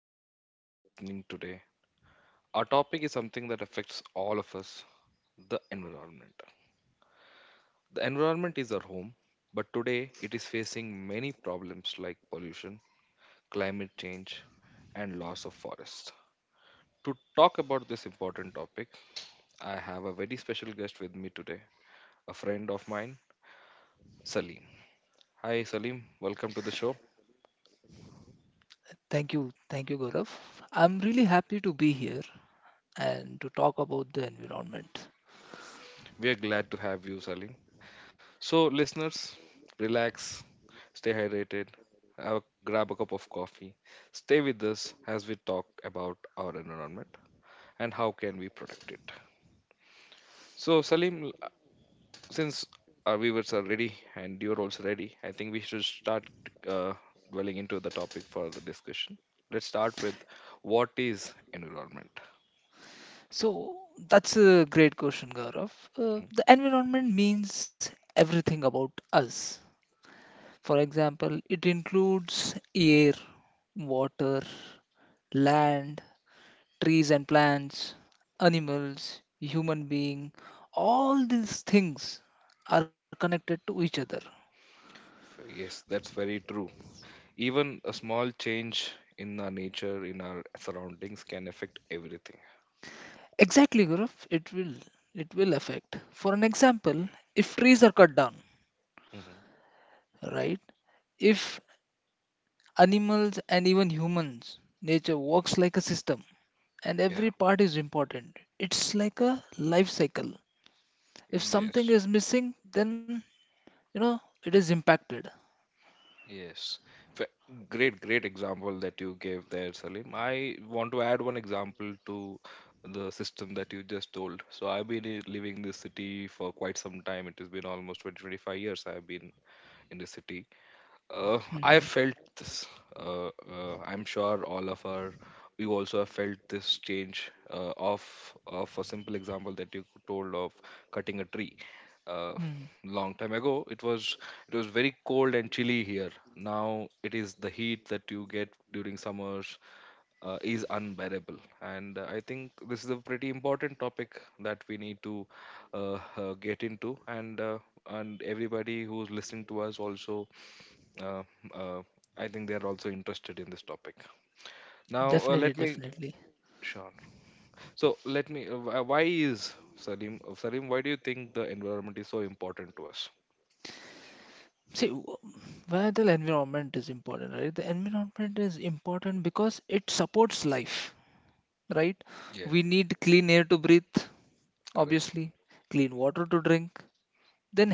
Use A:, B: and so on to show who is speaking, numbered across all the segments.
A: happy that you're listening today. Our topic is something that affects all of us, the environment. The environment is our home, but today it is facing many problems like pollution, climate change, and loss of forest. To talk about this important topic, I have a very special guest with me today, a friend of mine, Salim. Hi, Salim. Welcome to the show.
B: Thank you. Thank you, Gaurav. I'm really happy to be here and to talk about the environment.
A: We are glad to have you, Salim. So, listeners, relax, stay hydrated, grab a cup of coffee, stay with us as we talk about our environment and how can we protect it. So, Salim, since our viewers are ready and you're also ready, I think we should start uh, dwelling into the topic for the discussion. Let's start with what is environment.
B: So, that's a great question, Gaurav. The environment means everything about us. For example, it includes air, water, land, trees and plants, animals, human being. All these things are connected to each other.
A: So, yes, that's very true. Even a small change in our nature, in our surroundings, can affect everything.
B: Exactly, Gaurav. It will affect. For an example, if trees are cut down,
A: Hmm.
B: right? If animals and even humans, nature works like a system, and every
A: Yeah.
B: part is important. It's like a life cycle. If something
A: Yes.
B: is missing, then you know it is impacted.
A: Yes. Fa- Great, great example that you gave there, Salim. I want to add one example to the system that you just told. So I've been living this city for quite some time. It has been almost 20, 25 years I've been in the city.
B: Mhm.
A: I felt this. I'm sure all of our, we also have felt this change of a simple example that you told of cutting a tree. Uh,
B: Hmm.
A: Long time ago, it was very cold and chilly here. Now it is the heat that you get during summers is unbearable, and I think this is a pretty important topic that we need to get into, and everybody who's listening to us also, uh, uh, I think they are also interested in this topic. Now,
B: Definitely,
A: let me,
B: definitely.
A: sure. So, let me. Why is Salim, Salim, why do you think the environment is so important to us?
B: See, why the environment is important, right? The environment is important because it supports life, right?
A: Yeah,
B: We need clean air to breathe,
A: correct.
B: obviously, clean water to drink,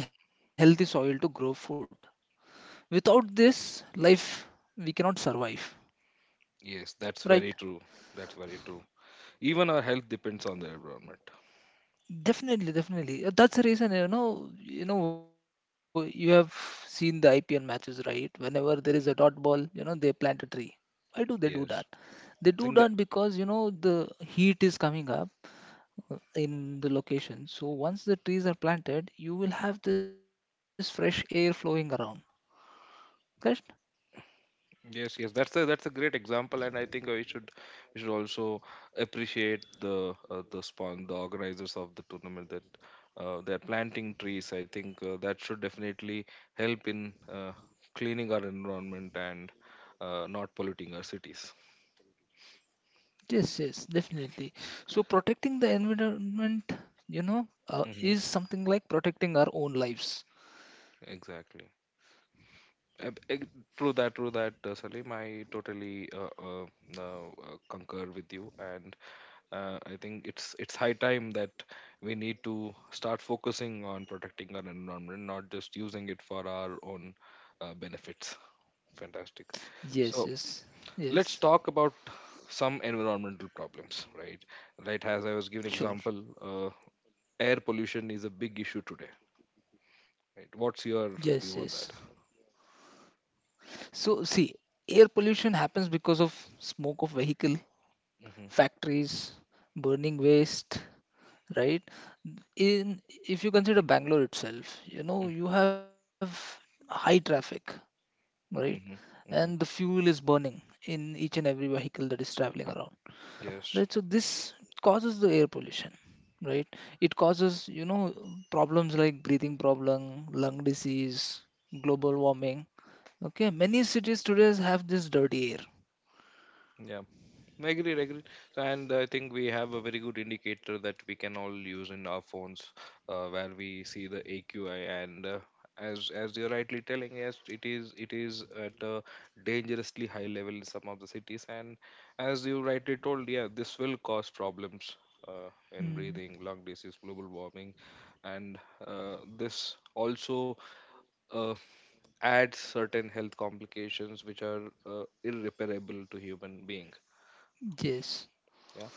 B: then healthy soil to grow food. Without this life, we cannot survive,
A: Yes, that's very
B: right?
A: true. That's very true. Even our health depends on the environment.
B: Definitely, definitely. That's the reason, you know, you have seen the IPL matches, right? Whenever there is a dot ball, you know, they plant a tree. Why do they do that?
A: Yes.
B: They
A: I
B: do
A: think the,
B: that because, you know, the heat is coming up in the location. So once the trees are planted, you will have this fresh air flowing around. Correct?
A: yes, yes, that's a, that's a great example, and I think we should, we should also appreciate the spawn the organizers of the tournament that they're planting trees. I think that should definitely help in cleaning our environment and not polluting our cities.
B: Yes, yes, definitely. So protecting the environment, you know,
A: Mm-hmm.
B: is something like protecting our own lives.
A: Exactly. Uh, eg- true that, Salim. I totally uh, uh, concur with you, and I think it's high time that we need to start focusing on protecting our environment, not just using it for our own benefits. Fantastic. So
B: Yes, yes,
A: let's
B: yes,
A: talk about some environmental problems, right? Right, as I was giving example,
B: sure.
A: air pollution is a big issue today. Right? What's your
B: Yes,
A: view on
B: yes.
A: that?
B: So see, air pollution happens because of smoke of vehicle,
A: Mm-hmm.
B: factories, burning waste, right? In if you consider Bangalore itself, you know, you have high traffic, right?
A: Mm-hmm. Mm-hmm.
B: And
A: Mm-hmm.
B: the fuel is burning in each and every vehicle that is traveling around.
A: Yes.
B: Right, so this causes the air pollution, right. It causes, you know, problems like breathing problem, lung disease, global warming. Okay, many cities today have this dirty air.
A: Yeah. I agree, I agree. And I think we have a very good indicator that we can all use in our phones, where we see the AQI. And as you're rightly telling, yes, it is at a dangerously high level in some of the cities. And as you rightly told, yeah, this will cause problems in
B: Hmm.
A: breathing, lung disease, global warming, and this also uh, adds certain health complications which are irreparable to human being.
B: Yes.
A: Yeah.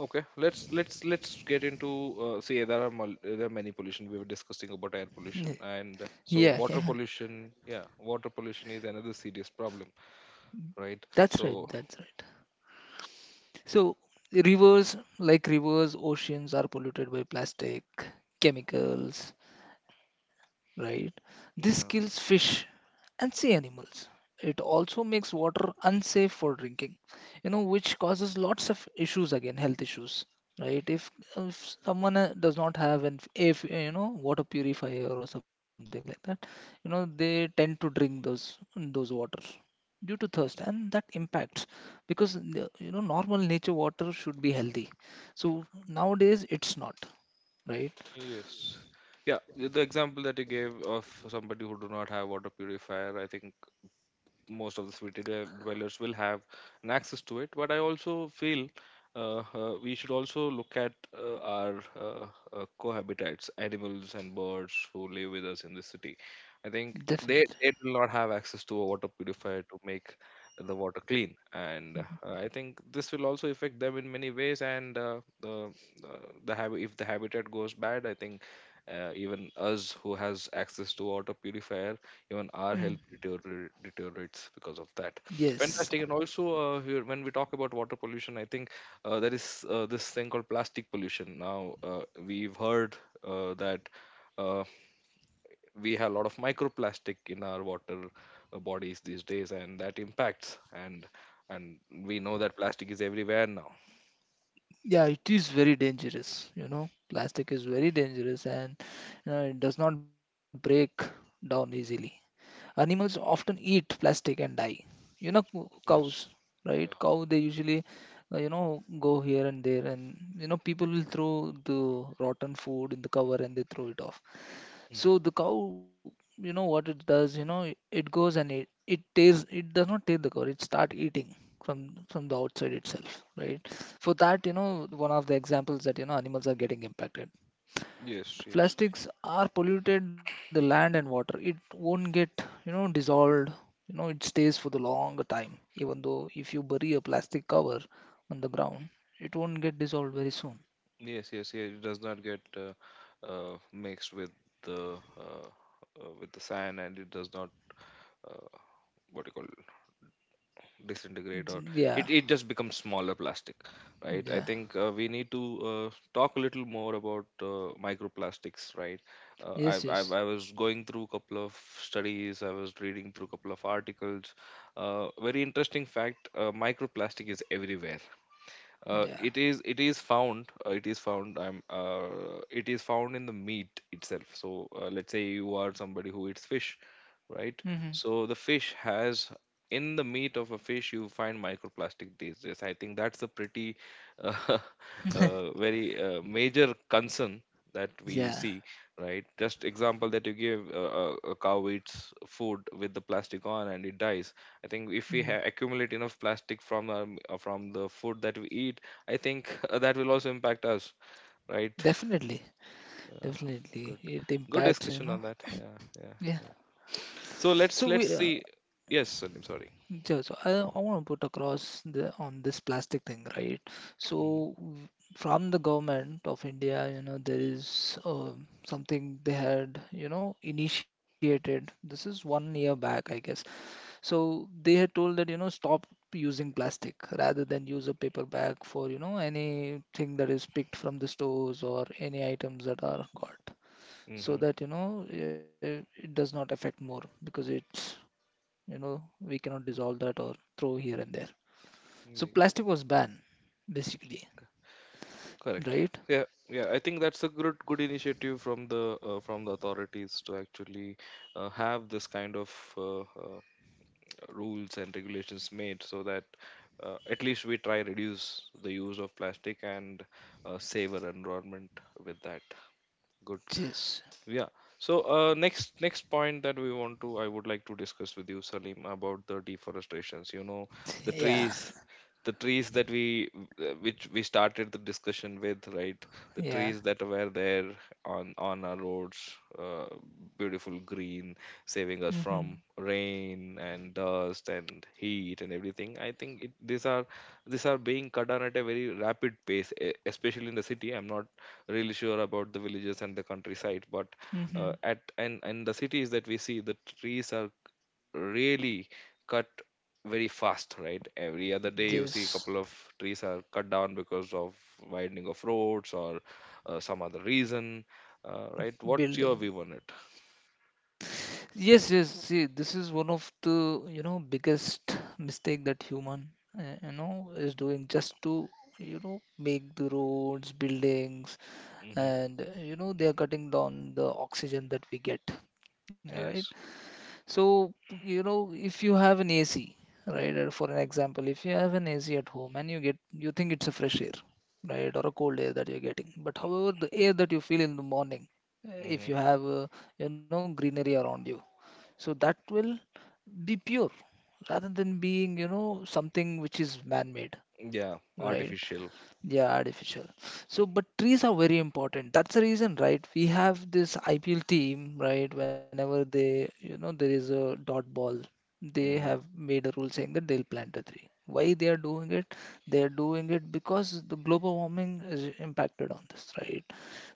A: Okay, let's get into, see there are there are many pollution. We were discussing about air pollution and so
B: yeah
A: water
B: yeah
A: pollution. Yeah, water pollution is another serious problem, right?
B: That's right,
A: So
B: that's right. So rivers, like rivers, oceans are polluted by plastic, chemicals, right? This
A: yeah,
B: kills fish and sea animals. It also makes water unsafe for drinking, you know, which causes lots of issues, again, health issues, right? If someone does not have an if you know water purifier or something like that, you know, they tend to drink those waters due to thirst and that impacts because you know normal nature water should be healthy, so nowadays it's not, right.
A: yes, yeah, the example that you gave of somebody who do not have water purifier, I think most of the city dwellers will have an access to it. But I also feel we should also look at our cohabitants, animals and birds who live with us in the city. I think
B: Definitely.
A: they will not have access to a water purifier to make the water clean, and I think this will also affect them in many ways. And uh, the habit, if the habitat goes bad, I think even us who has access to water purifier, even
B: Mhm.
A: our health deteriorates because of that.
B: Yes,
A: Fantastic. And also here, when we talk about water pollution, I think there is this thing called plastic pollution. Now we've heard that uh, we have a lot of microplastic in our water bodies these days, and that impacts, and we know that plastic is everywhere now.
B: yeah, it is very dangerous. You know, plastic is very dangerous and you know, it does not break down easily. Animals often eat plastic and die. You know, cows,
A: Yes.
B: right?
A: Yeah.
B: Cow, they usually, you know, go here and there, and you know, people will throw the rotten food in the cover and they throw it off.
A: Mhm.
B: So the cow, you know what it does, you know, it goes and it tastes it does not taste the cow, it start eating from the outside itself, right? For that, you know, one of the examples that you know animals are getting impacted.
A: Yes, yes.
B: Plastics are polluted the land and water. It won't get, you know, dissolved. You know, it stays for the longer time. Even though if you bury a plastic cover on the ground, it won't get dissolved very soon.
A: Yes, yes, yes. It does not get mixed with the sand, and it does not uh, what you call disintegrate, or
B: Yeah,
A: it just becomes smaller plastic, right? I
B: yeah.
A: think we need to talk a little more about microplastics, right? Uh, I,
B: Yes,
A: I
B: yes.
A: I was going through a couple of studies, I was reading through a couple of articles. Very interesting fact: microplastic is everywhere. Uh,
B: Yeah.
A: it is found I'm It is found in the meat itself. So let's say you are somebody who eats fish, right?
B: Hmm.
A: So the fish has, in the meat of a fish you find microplastic these days. I think that's a pretty uh, very major concern that we
B: Yeah.
A: see, right? Just example that you give, a cow eats food with the plastic on and it dies. I think if
B: Mm,
A: we accumulate enough plastic from the food that we eat, I think that will also impact us, right?
B: definitely,
A: Yeah,
B: definitely,
A: good,
B: it
A: good
B: impacts, you
A: discussion
B: know.
A: on that. Yeah,
B: Yeah.
A: yeah, yeah. So
B: So
A: let's
B: we,
A: let's
B: uh,
A: see. Yes, Salim, sorry.
B: yeah, so I want to put across the on this plastic thing, right?
A: Mm-hmm.
B: So w- from the government of India, you know, there is something they had, you know, initiated. This is one year back, I guess. So they had told that, you know, stop using plastic rather than use a paper bag for, you know, anything that is picked from the stores or any items that are got, so that you know it does not affect more because it's you know we cannot dissolve that or throw here and there, so
A: Mm-hmm.
B: plastic was banned basically,
A: Correct.
B: right.
A: Yeah, yeah. I think that's a good, good initiative from the authorities to actually have this kind of uh, uh, rules and regulations made, so that at least we try reduce the use of plastic and save our environment with that. Good.
B: Yes.
A: Yeah. So next point that we want to, I would like to discuss with you, Salim, about the deforestations. You know, the
B: Yeah,
A: trees, the trees that we, which we started the discussion with, right, the
B: yeah.
A: trees that were there on our roads, beautiful green, saving us
B: Mm-hmm.
A: from rain and dust and heat and everything. I think it, these are, these are being cut down at a very rapid pace, especially in the city. I'm not really sure about the villages and the countryside, but at
B: Mm-hmm.
A: and the cities that we see, the trees are really cut very fast, right? Every other day you see a couple of
B: Yes,
A: trees are cut down because of widening of roads or some other reason, right? What's your view on it?
B: building. Yes, yes. See, this is one of the, you know, biggest mistake that human, you know, is doing just to, you know, make the roads, buildings,
A: Hmm.
B: and, you know, they are cutting down the oxygen that we get. Right?
A: Yes.
B: So, you know, if you have an AC, right, for an example, if you have an AC at home and you get, you think it's a fresh air, right, or a cold air that you're getting. But however, the air that you feel in the morning, uh,
A: Hmm.
B: if you have, uh, you know, greenery around you, so that will be pure rather than being, you know, something which is man-made,
A: Yeah,
B: right?
A: artificial.
B: Yeah, artificial. So, but trees are very important. That's the reason, right? We have this IPL team, right? Whenever they, you know, there is a dot ball, they have
A: Hmm.
B: made a rule saying that they'll plant a tree. Why they are doing it? They are doing it because the global warming is impacted on this, right?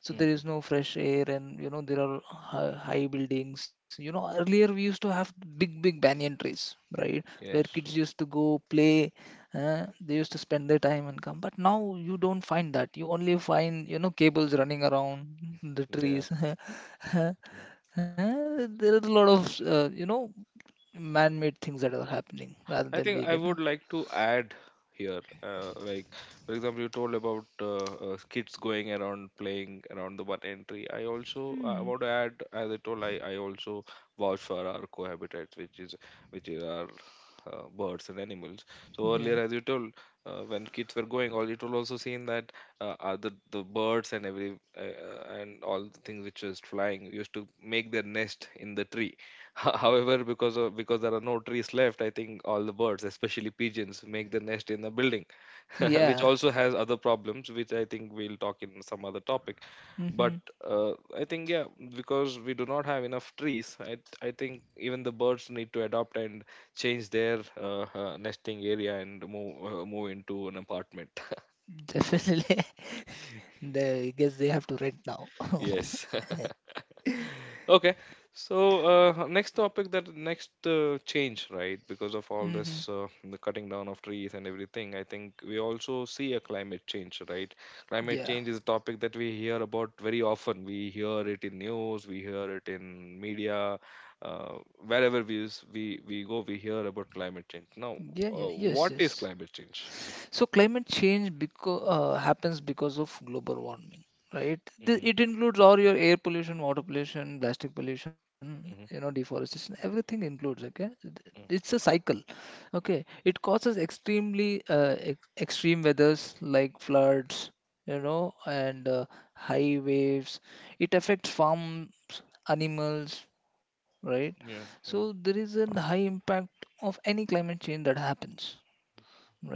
B: So there is
A: Hmm.
B: no fresh air, and you know there are high buildings. You know, earlier we used to have big, big banyan trees, right? Where
A: Yes.
B: kids used to go play, they used to spend their time and come, but now you don't find that. You only find, you know, cables running around the
A: Yeah.
B: trees. There is a lot of, you know, man-made things that are happening rather
A: I
B: than
A: think I
B: vegan.
A: would like to add here, like for example, you told about kids going around playing around the one entry. I also, I
B: Hmm.
A: want to add, as I told, I also vouch for our cohabitats, which is, which is our birds and animals. So
B: Yeah.
A: earlier, as you told, when kids were going, all it will also seen that the birds and every and all the things which was flying used to make their nest in the tree. However, because of, because there are no trees left, I think all the birds, especially pigeons, make their nest in the building, which
B: Yeah.
A: also has other problems, which I think we'll talk in some other topic.
B: Hmm.
A: But uh, I think yeah, because we do not have enough trees, I think even the birds need to adopt and change their nesting area and move, move into an apartment.
B: Definitely. They, I guess they have to rent now.
A: Yes. Okay, so next topic that next change, right? Because of all
B: Hmm.
A: this, the cutting down of trees and everything, I think we also see a climate change, right? Climate
B: Yeah.
A: change is a topic that we hear about very often. We hear it in news, we hear it in media, uh, wherever we we go, we hear about climate change. Now,
B: Yeah, yeah, yes,
A: what is
B: yes.
A: climate change?
B: So climate change because happens because of global warming, right? Th-
A: Mm-hmm,
B: It includes all your air pollution, water pollution, plastic pollution, you know,
A: mm-hmm,
B: deforestation. Everything includes. Okay, it's
A: mm.
B: a cycle. Okay, it causes extreme weathers like floods, you know, and high waves. It affects farms, animals, right?
A: Yeah,
B: So
A: yeah.
B: there is a high impact of any climate change that happens,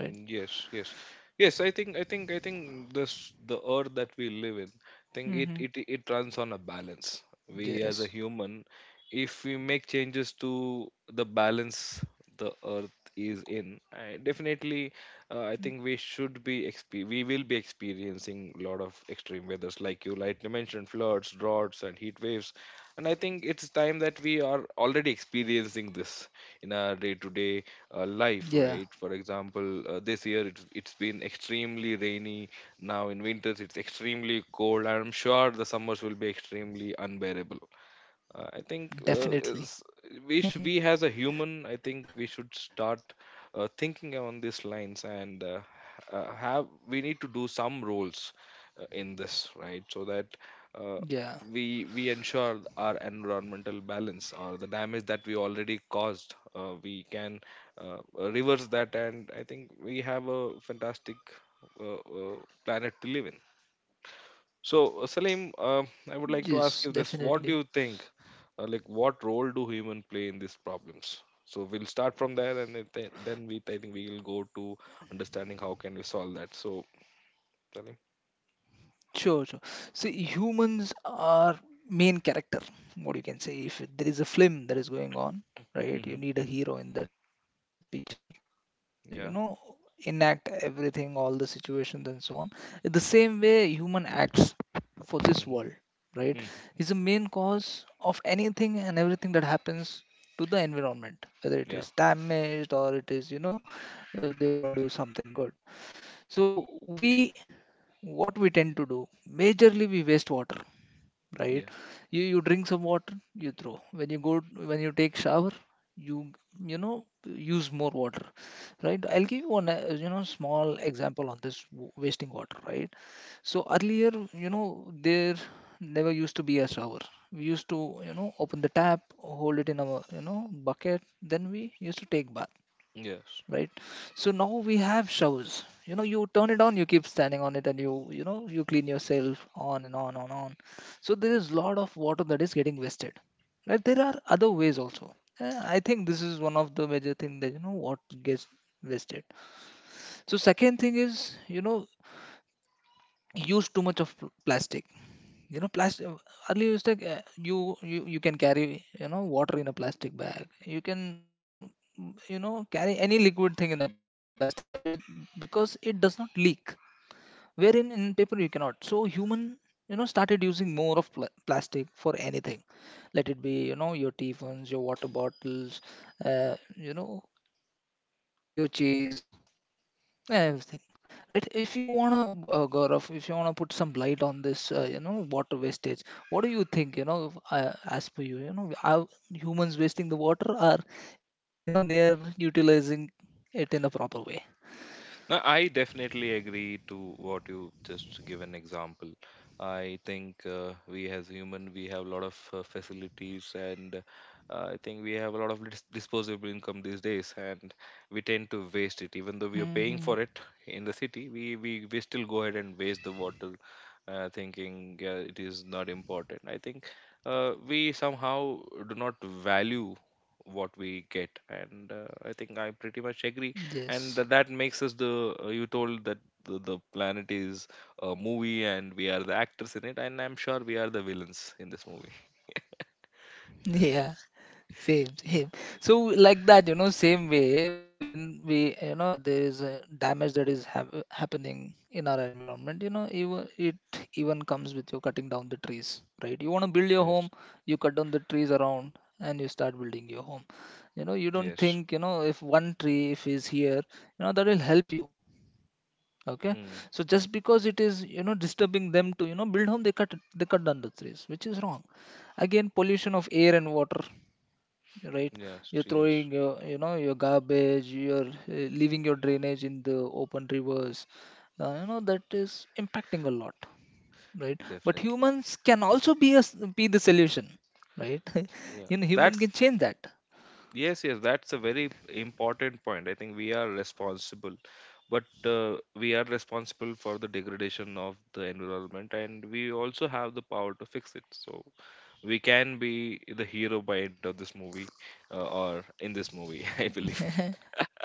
A: Mm,
B: right?
A: yes, yes, yes. I think this, the earth that we live in, I think it it
B: Mm-hmm.
A: it runs on a balance. We as a
B: Yes.
A: human, if we make changes to the balance the earth is in, I definitely, I think we should be exp we will be experiencing a lot of extreme weathers, like you mentioned, floods, droughts, and heat waves. And I think it's time that we are already experiencing this in our day to day
B: Yeah,
A: life, right? For example, this year it's been extremely rainy. Now in winters it's extremely cold, and I'm sure the summers will be extremely unbearable. I think
B: definitely.
A: we as a human, I think we should start thinking on these lines, and have, we need to do some roles in this, right? So that
B: Yeah,
A: uh, we ensure our environmental balance, or the damage that we already caused, we can reverse that. And I think we have a fantastic uh, uh, planet to live in. So, Salim, I would like
B: yes,
A: to ask you this:
B: definitely.
A: what do you think? Like, what role do human play in these problems? So we'll start from there, and then then we, I think we will go to understanding how can we solve that. So, Salim?
B: Sure, sure. See, humans are main character. What you can say, if there is a film that is going on,
A: Hmm.
B: right? You need a hero in that picture. So,
A: Yeah.
B: you know, enact everything, all the situations and so on. In the same way human acts for this world, right,
A: Hmm.
B: is the main cause of anything and everything that happens to the environment, whether it
A: Yeah,
B: is damaged or it is you know, they want to do something good. So we, what we tend to do, majorly we waste water, right.
A: yeah,
B: You drink some water, you throw when you go, when you take shower, you you know use more water, right. I'll give you one you know small example on this wasting water, right. So earlier you know there never used to be a shower. We used to you know open the tap, hold it in our you know bucket, then we used to take bath,
A: yeah.
B: right? So now we have showers. You know, you turn it on, you keep standing on it, and you know you clean yourself on and on and on. So there is lot of water that is getting wasted, right? There are other ways also. I think this is one of the major thing that you know what gets wasted. So second thing is you know use too much of plastic. You know plastic earlier used to, you can carry you know water in a plastic bag, you can you know carry any liquid thing in a plastic bag which, because it does not leak, wherein in paper you cannot. So human, you know started using more of plastic for anything. Let it be you know your teaphones, your water bottles, you know, your chairs, yeah, everything, right. If you want to Gaurav, if you want to put some light on this you know water wastage, what do you think, you know, if, as per you, you know, are humans wasting the water or you know they are utilizing it in a proper way?
A: No, I definitely agree to what you just give an example. I think we as human we have a lot of facilities, and I think we have a lot of disposable income these days, and we tend to waste it even though we are paying for
B: Hmm.
A: it. In the city we still go ahead and waste the water, thinking it is not important. I think we somehow do not value what we get. And I think I pretty much agree, and
B: Yes.
A: that makes us the, you told that the planet is a movie and we are the actors in it, and I'm sure we are the villains in this movie.
B: Yeah. Same, same. So like that, you know, same way when we, you know, there is a damage that is happening in our environment, you know, even it even comes with your cutting down the trees, right? You want to build your
A: Yes,
B: home, you cut down the trees around and you start building your home. You know, you don't
A: yes.
B: think, you know, if one tree if is here, you know, that will help you. Okay.
A: Mm,
B: So just because it is, you know, disturbing them to, you know, build home, they cut down the trees, which is wrong. Again, pollution of air and water, right?
A: yes,
B: You're
A: yes.
B: throwing your, you know, your garbage, you're leaving your drainage in the open rivers. You know, that is impacting a lot, right? But
A: Definitely.
B: humans can also be be the solution, right?
A: Yeah,
B: You know,
A: that's,
B: human can change that.
A: yes, yes, that's a very important point. I think we are responsible, but we are responsible for the degradation of the environment, and we also have the power to fix it. So we can be the hero by end of this movie, or in this movie, I believe.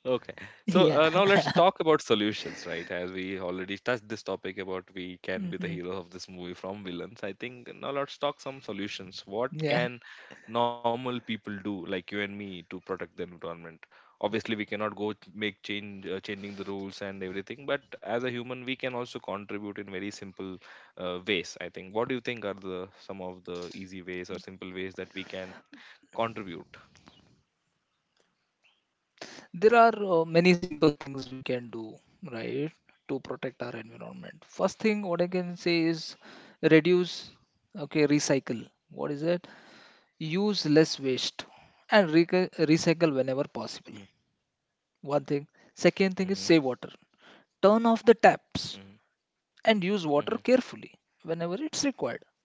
A: Okay, so
B: Yeah.
A: now let's talk about solutions, right? As we already touched this topic about we can be the
B: Hmm.
A: hero of this movie from villains. I think now let's talk some solutions. What
B: Yeah.
A: can normal people do like you and me to protect the environment? Obviously we cannot go make change, changing the rules and everything, but as a human we can also contribute in very simple ways. I think, what do you think are the some of the easy ways or simple ways that we can contribute?
B: There are many simple things we can do, right, to protect our environment. First thing, what I can say is reduce, okay, recycle. What is it? Use less waste and
A: Mm.
B: recycle whenever possible. One
A: Mhm,
B: thing, second thing is save water, turn
A: mhm,
B: off the taps
A: mhm,
B: and use water carefully whenever it's required.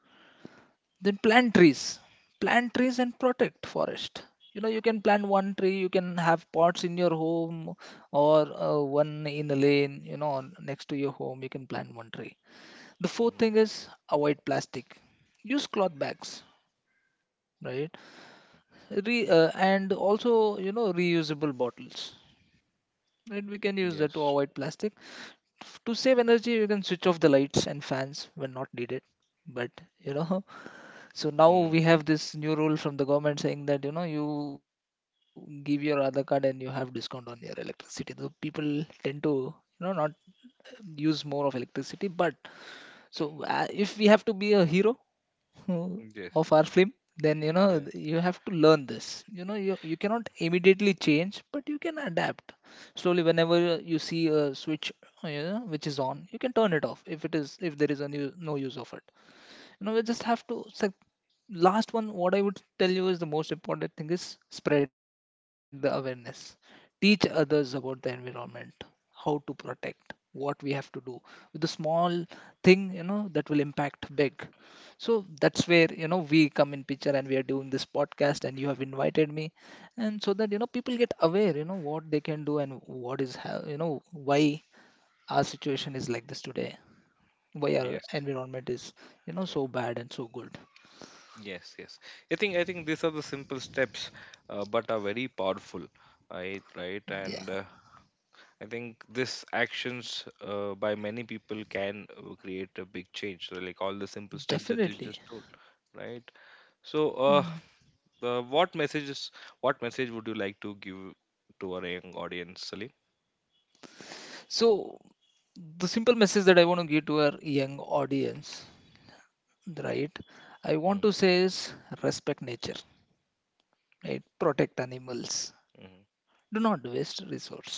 B: Then plant trees, plant trees and protect forest. You know, you can plant one tree, you can have pots in your home, or one in a lane, you know, next to your home you can plant one tree. The fourth
A: mhm,
B: thing is avoid plastic, use cloth bags, right.
A: mm.
B: And also, you know, reusable bottles. Right? We can use that to
A: Yes.
B: avoid plastic. To save energy, you can switch off the lights and fans when not needed. But you know, so
A: Mm,
B: now we have this new rule from the government saying that you know you give your other card and you have discount on your electricity. So people tend to you know not use more of electricity. But if we have to be a hero, uh,
A: yes.
B: of our film, then
A: Yeah.
B: you know you have to learn this, you know, you cannot immediately change but you can adapt slowly. Whenever you see a switch, you know, which is on, you can turn it off if it is, if there is a new no use of it, you know, we just have to set. Last one, what I would tell you is the most important thing is spread the awareness. Teach others about the environment, how to protect, what we have to do. With the small thing, you know, that will impact big. So that's where, you know, we come in picture and we are doing this podcast and you have invited me. And so that, you know, people get aware, you know, what they can do and what is, you know, why our situation is like this today, why
A: Yes.
B: our environment is, you
A: Yeah.
B: know, so bad and so good.
A: Yes, yes, I think, I think these are the simple steps, but are very powerful, right, right.
B: Yeah.
A: And I think this actions by many people can create a big change. So, like all the simple steps that you
B: Definitely.
A: just told, right? So,
B: Hmm.
A: what messages, what message would you like to give to our young audience, Salim?
B: So the simple message that I want to give to our young audience, right? I want
A: Mm-hmm,
B: to say is respect nature, right? Protect animals.
A: mm-hmm,
B: Do not waste resource.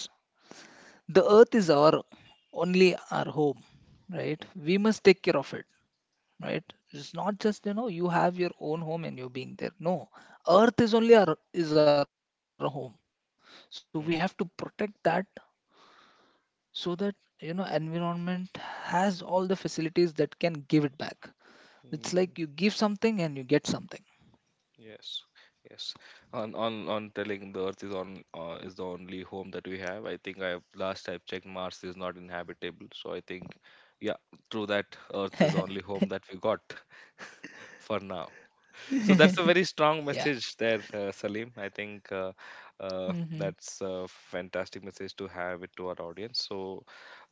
B: The earth is our only our home, right? We must take care of it, right? It's not just you know you have your own home and you're being there. No, earth is only our is our home. So we
A: mm-hmm.
B: have to protect that so that you know environment has all the facilities that can give it back.
A: Mm.
B: It's like you give something and you get something.
A: Yes, yes. On telling the Earth is on, is the only home that we have. I think I last I've checked, Mars is not inhabitable. So I think, yeah, true that Earth is the only home that we got for now. So that's a very strong
B: Yeah.
A: message there, Salim. I think that's a
B: Mm-hmm.
A: fantastic message to have it to our audience. So,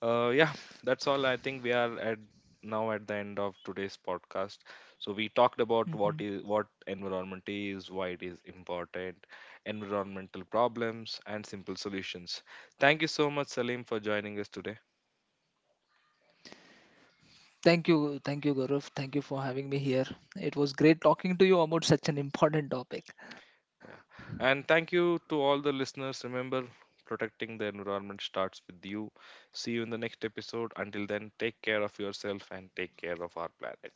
A: yeah, that's all. I think we are at now at the end of today's podcast. So we talked about what is, what environment
B: Mm-hmm.
A: is, why it is important, environmental problems, and simple solutions. Thank you so much, Salim, for joining us today.
B: Thank you, thank you, Gaurav, thank you for having me here. It was great talking to you about such an
A: Yeah.
B: important topic.
A: And thank you to all the listeners. Remember, protecting the environment starts with you. See you in the next episode. Until then, take care of yourself and take care of our planet.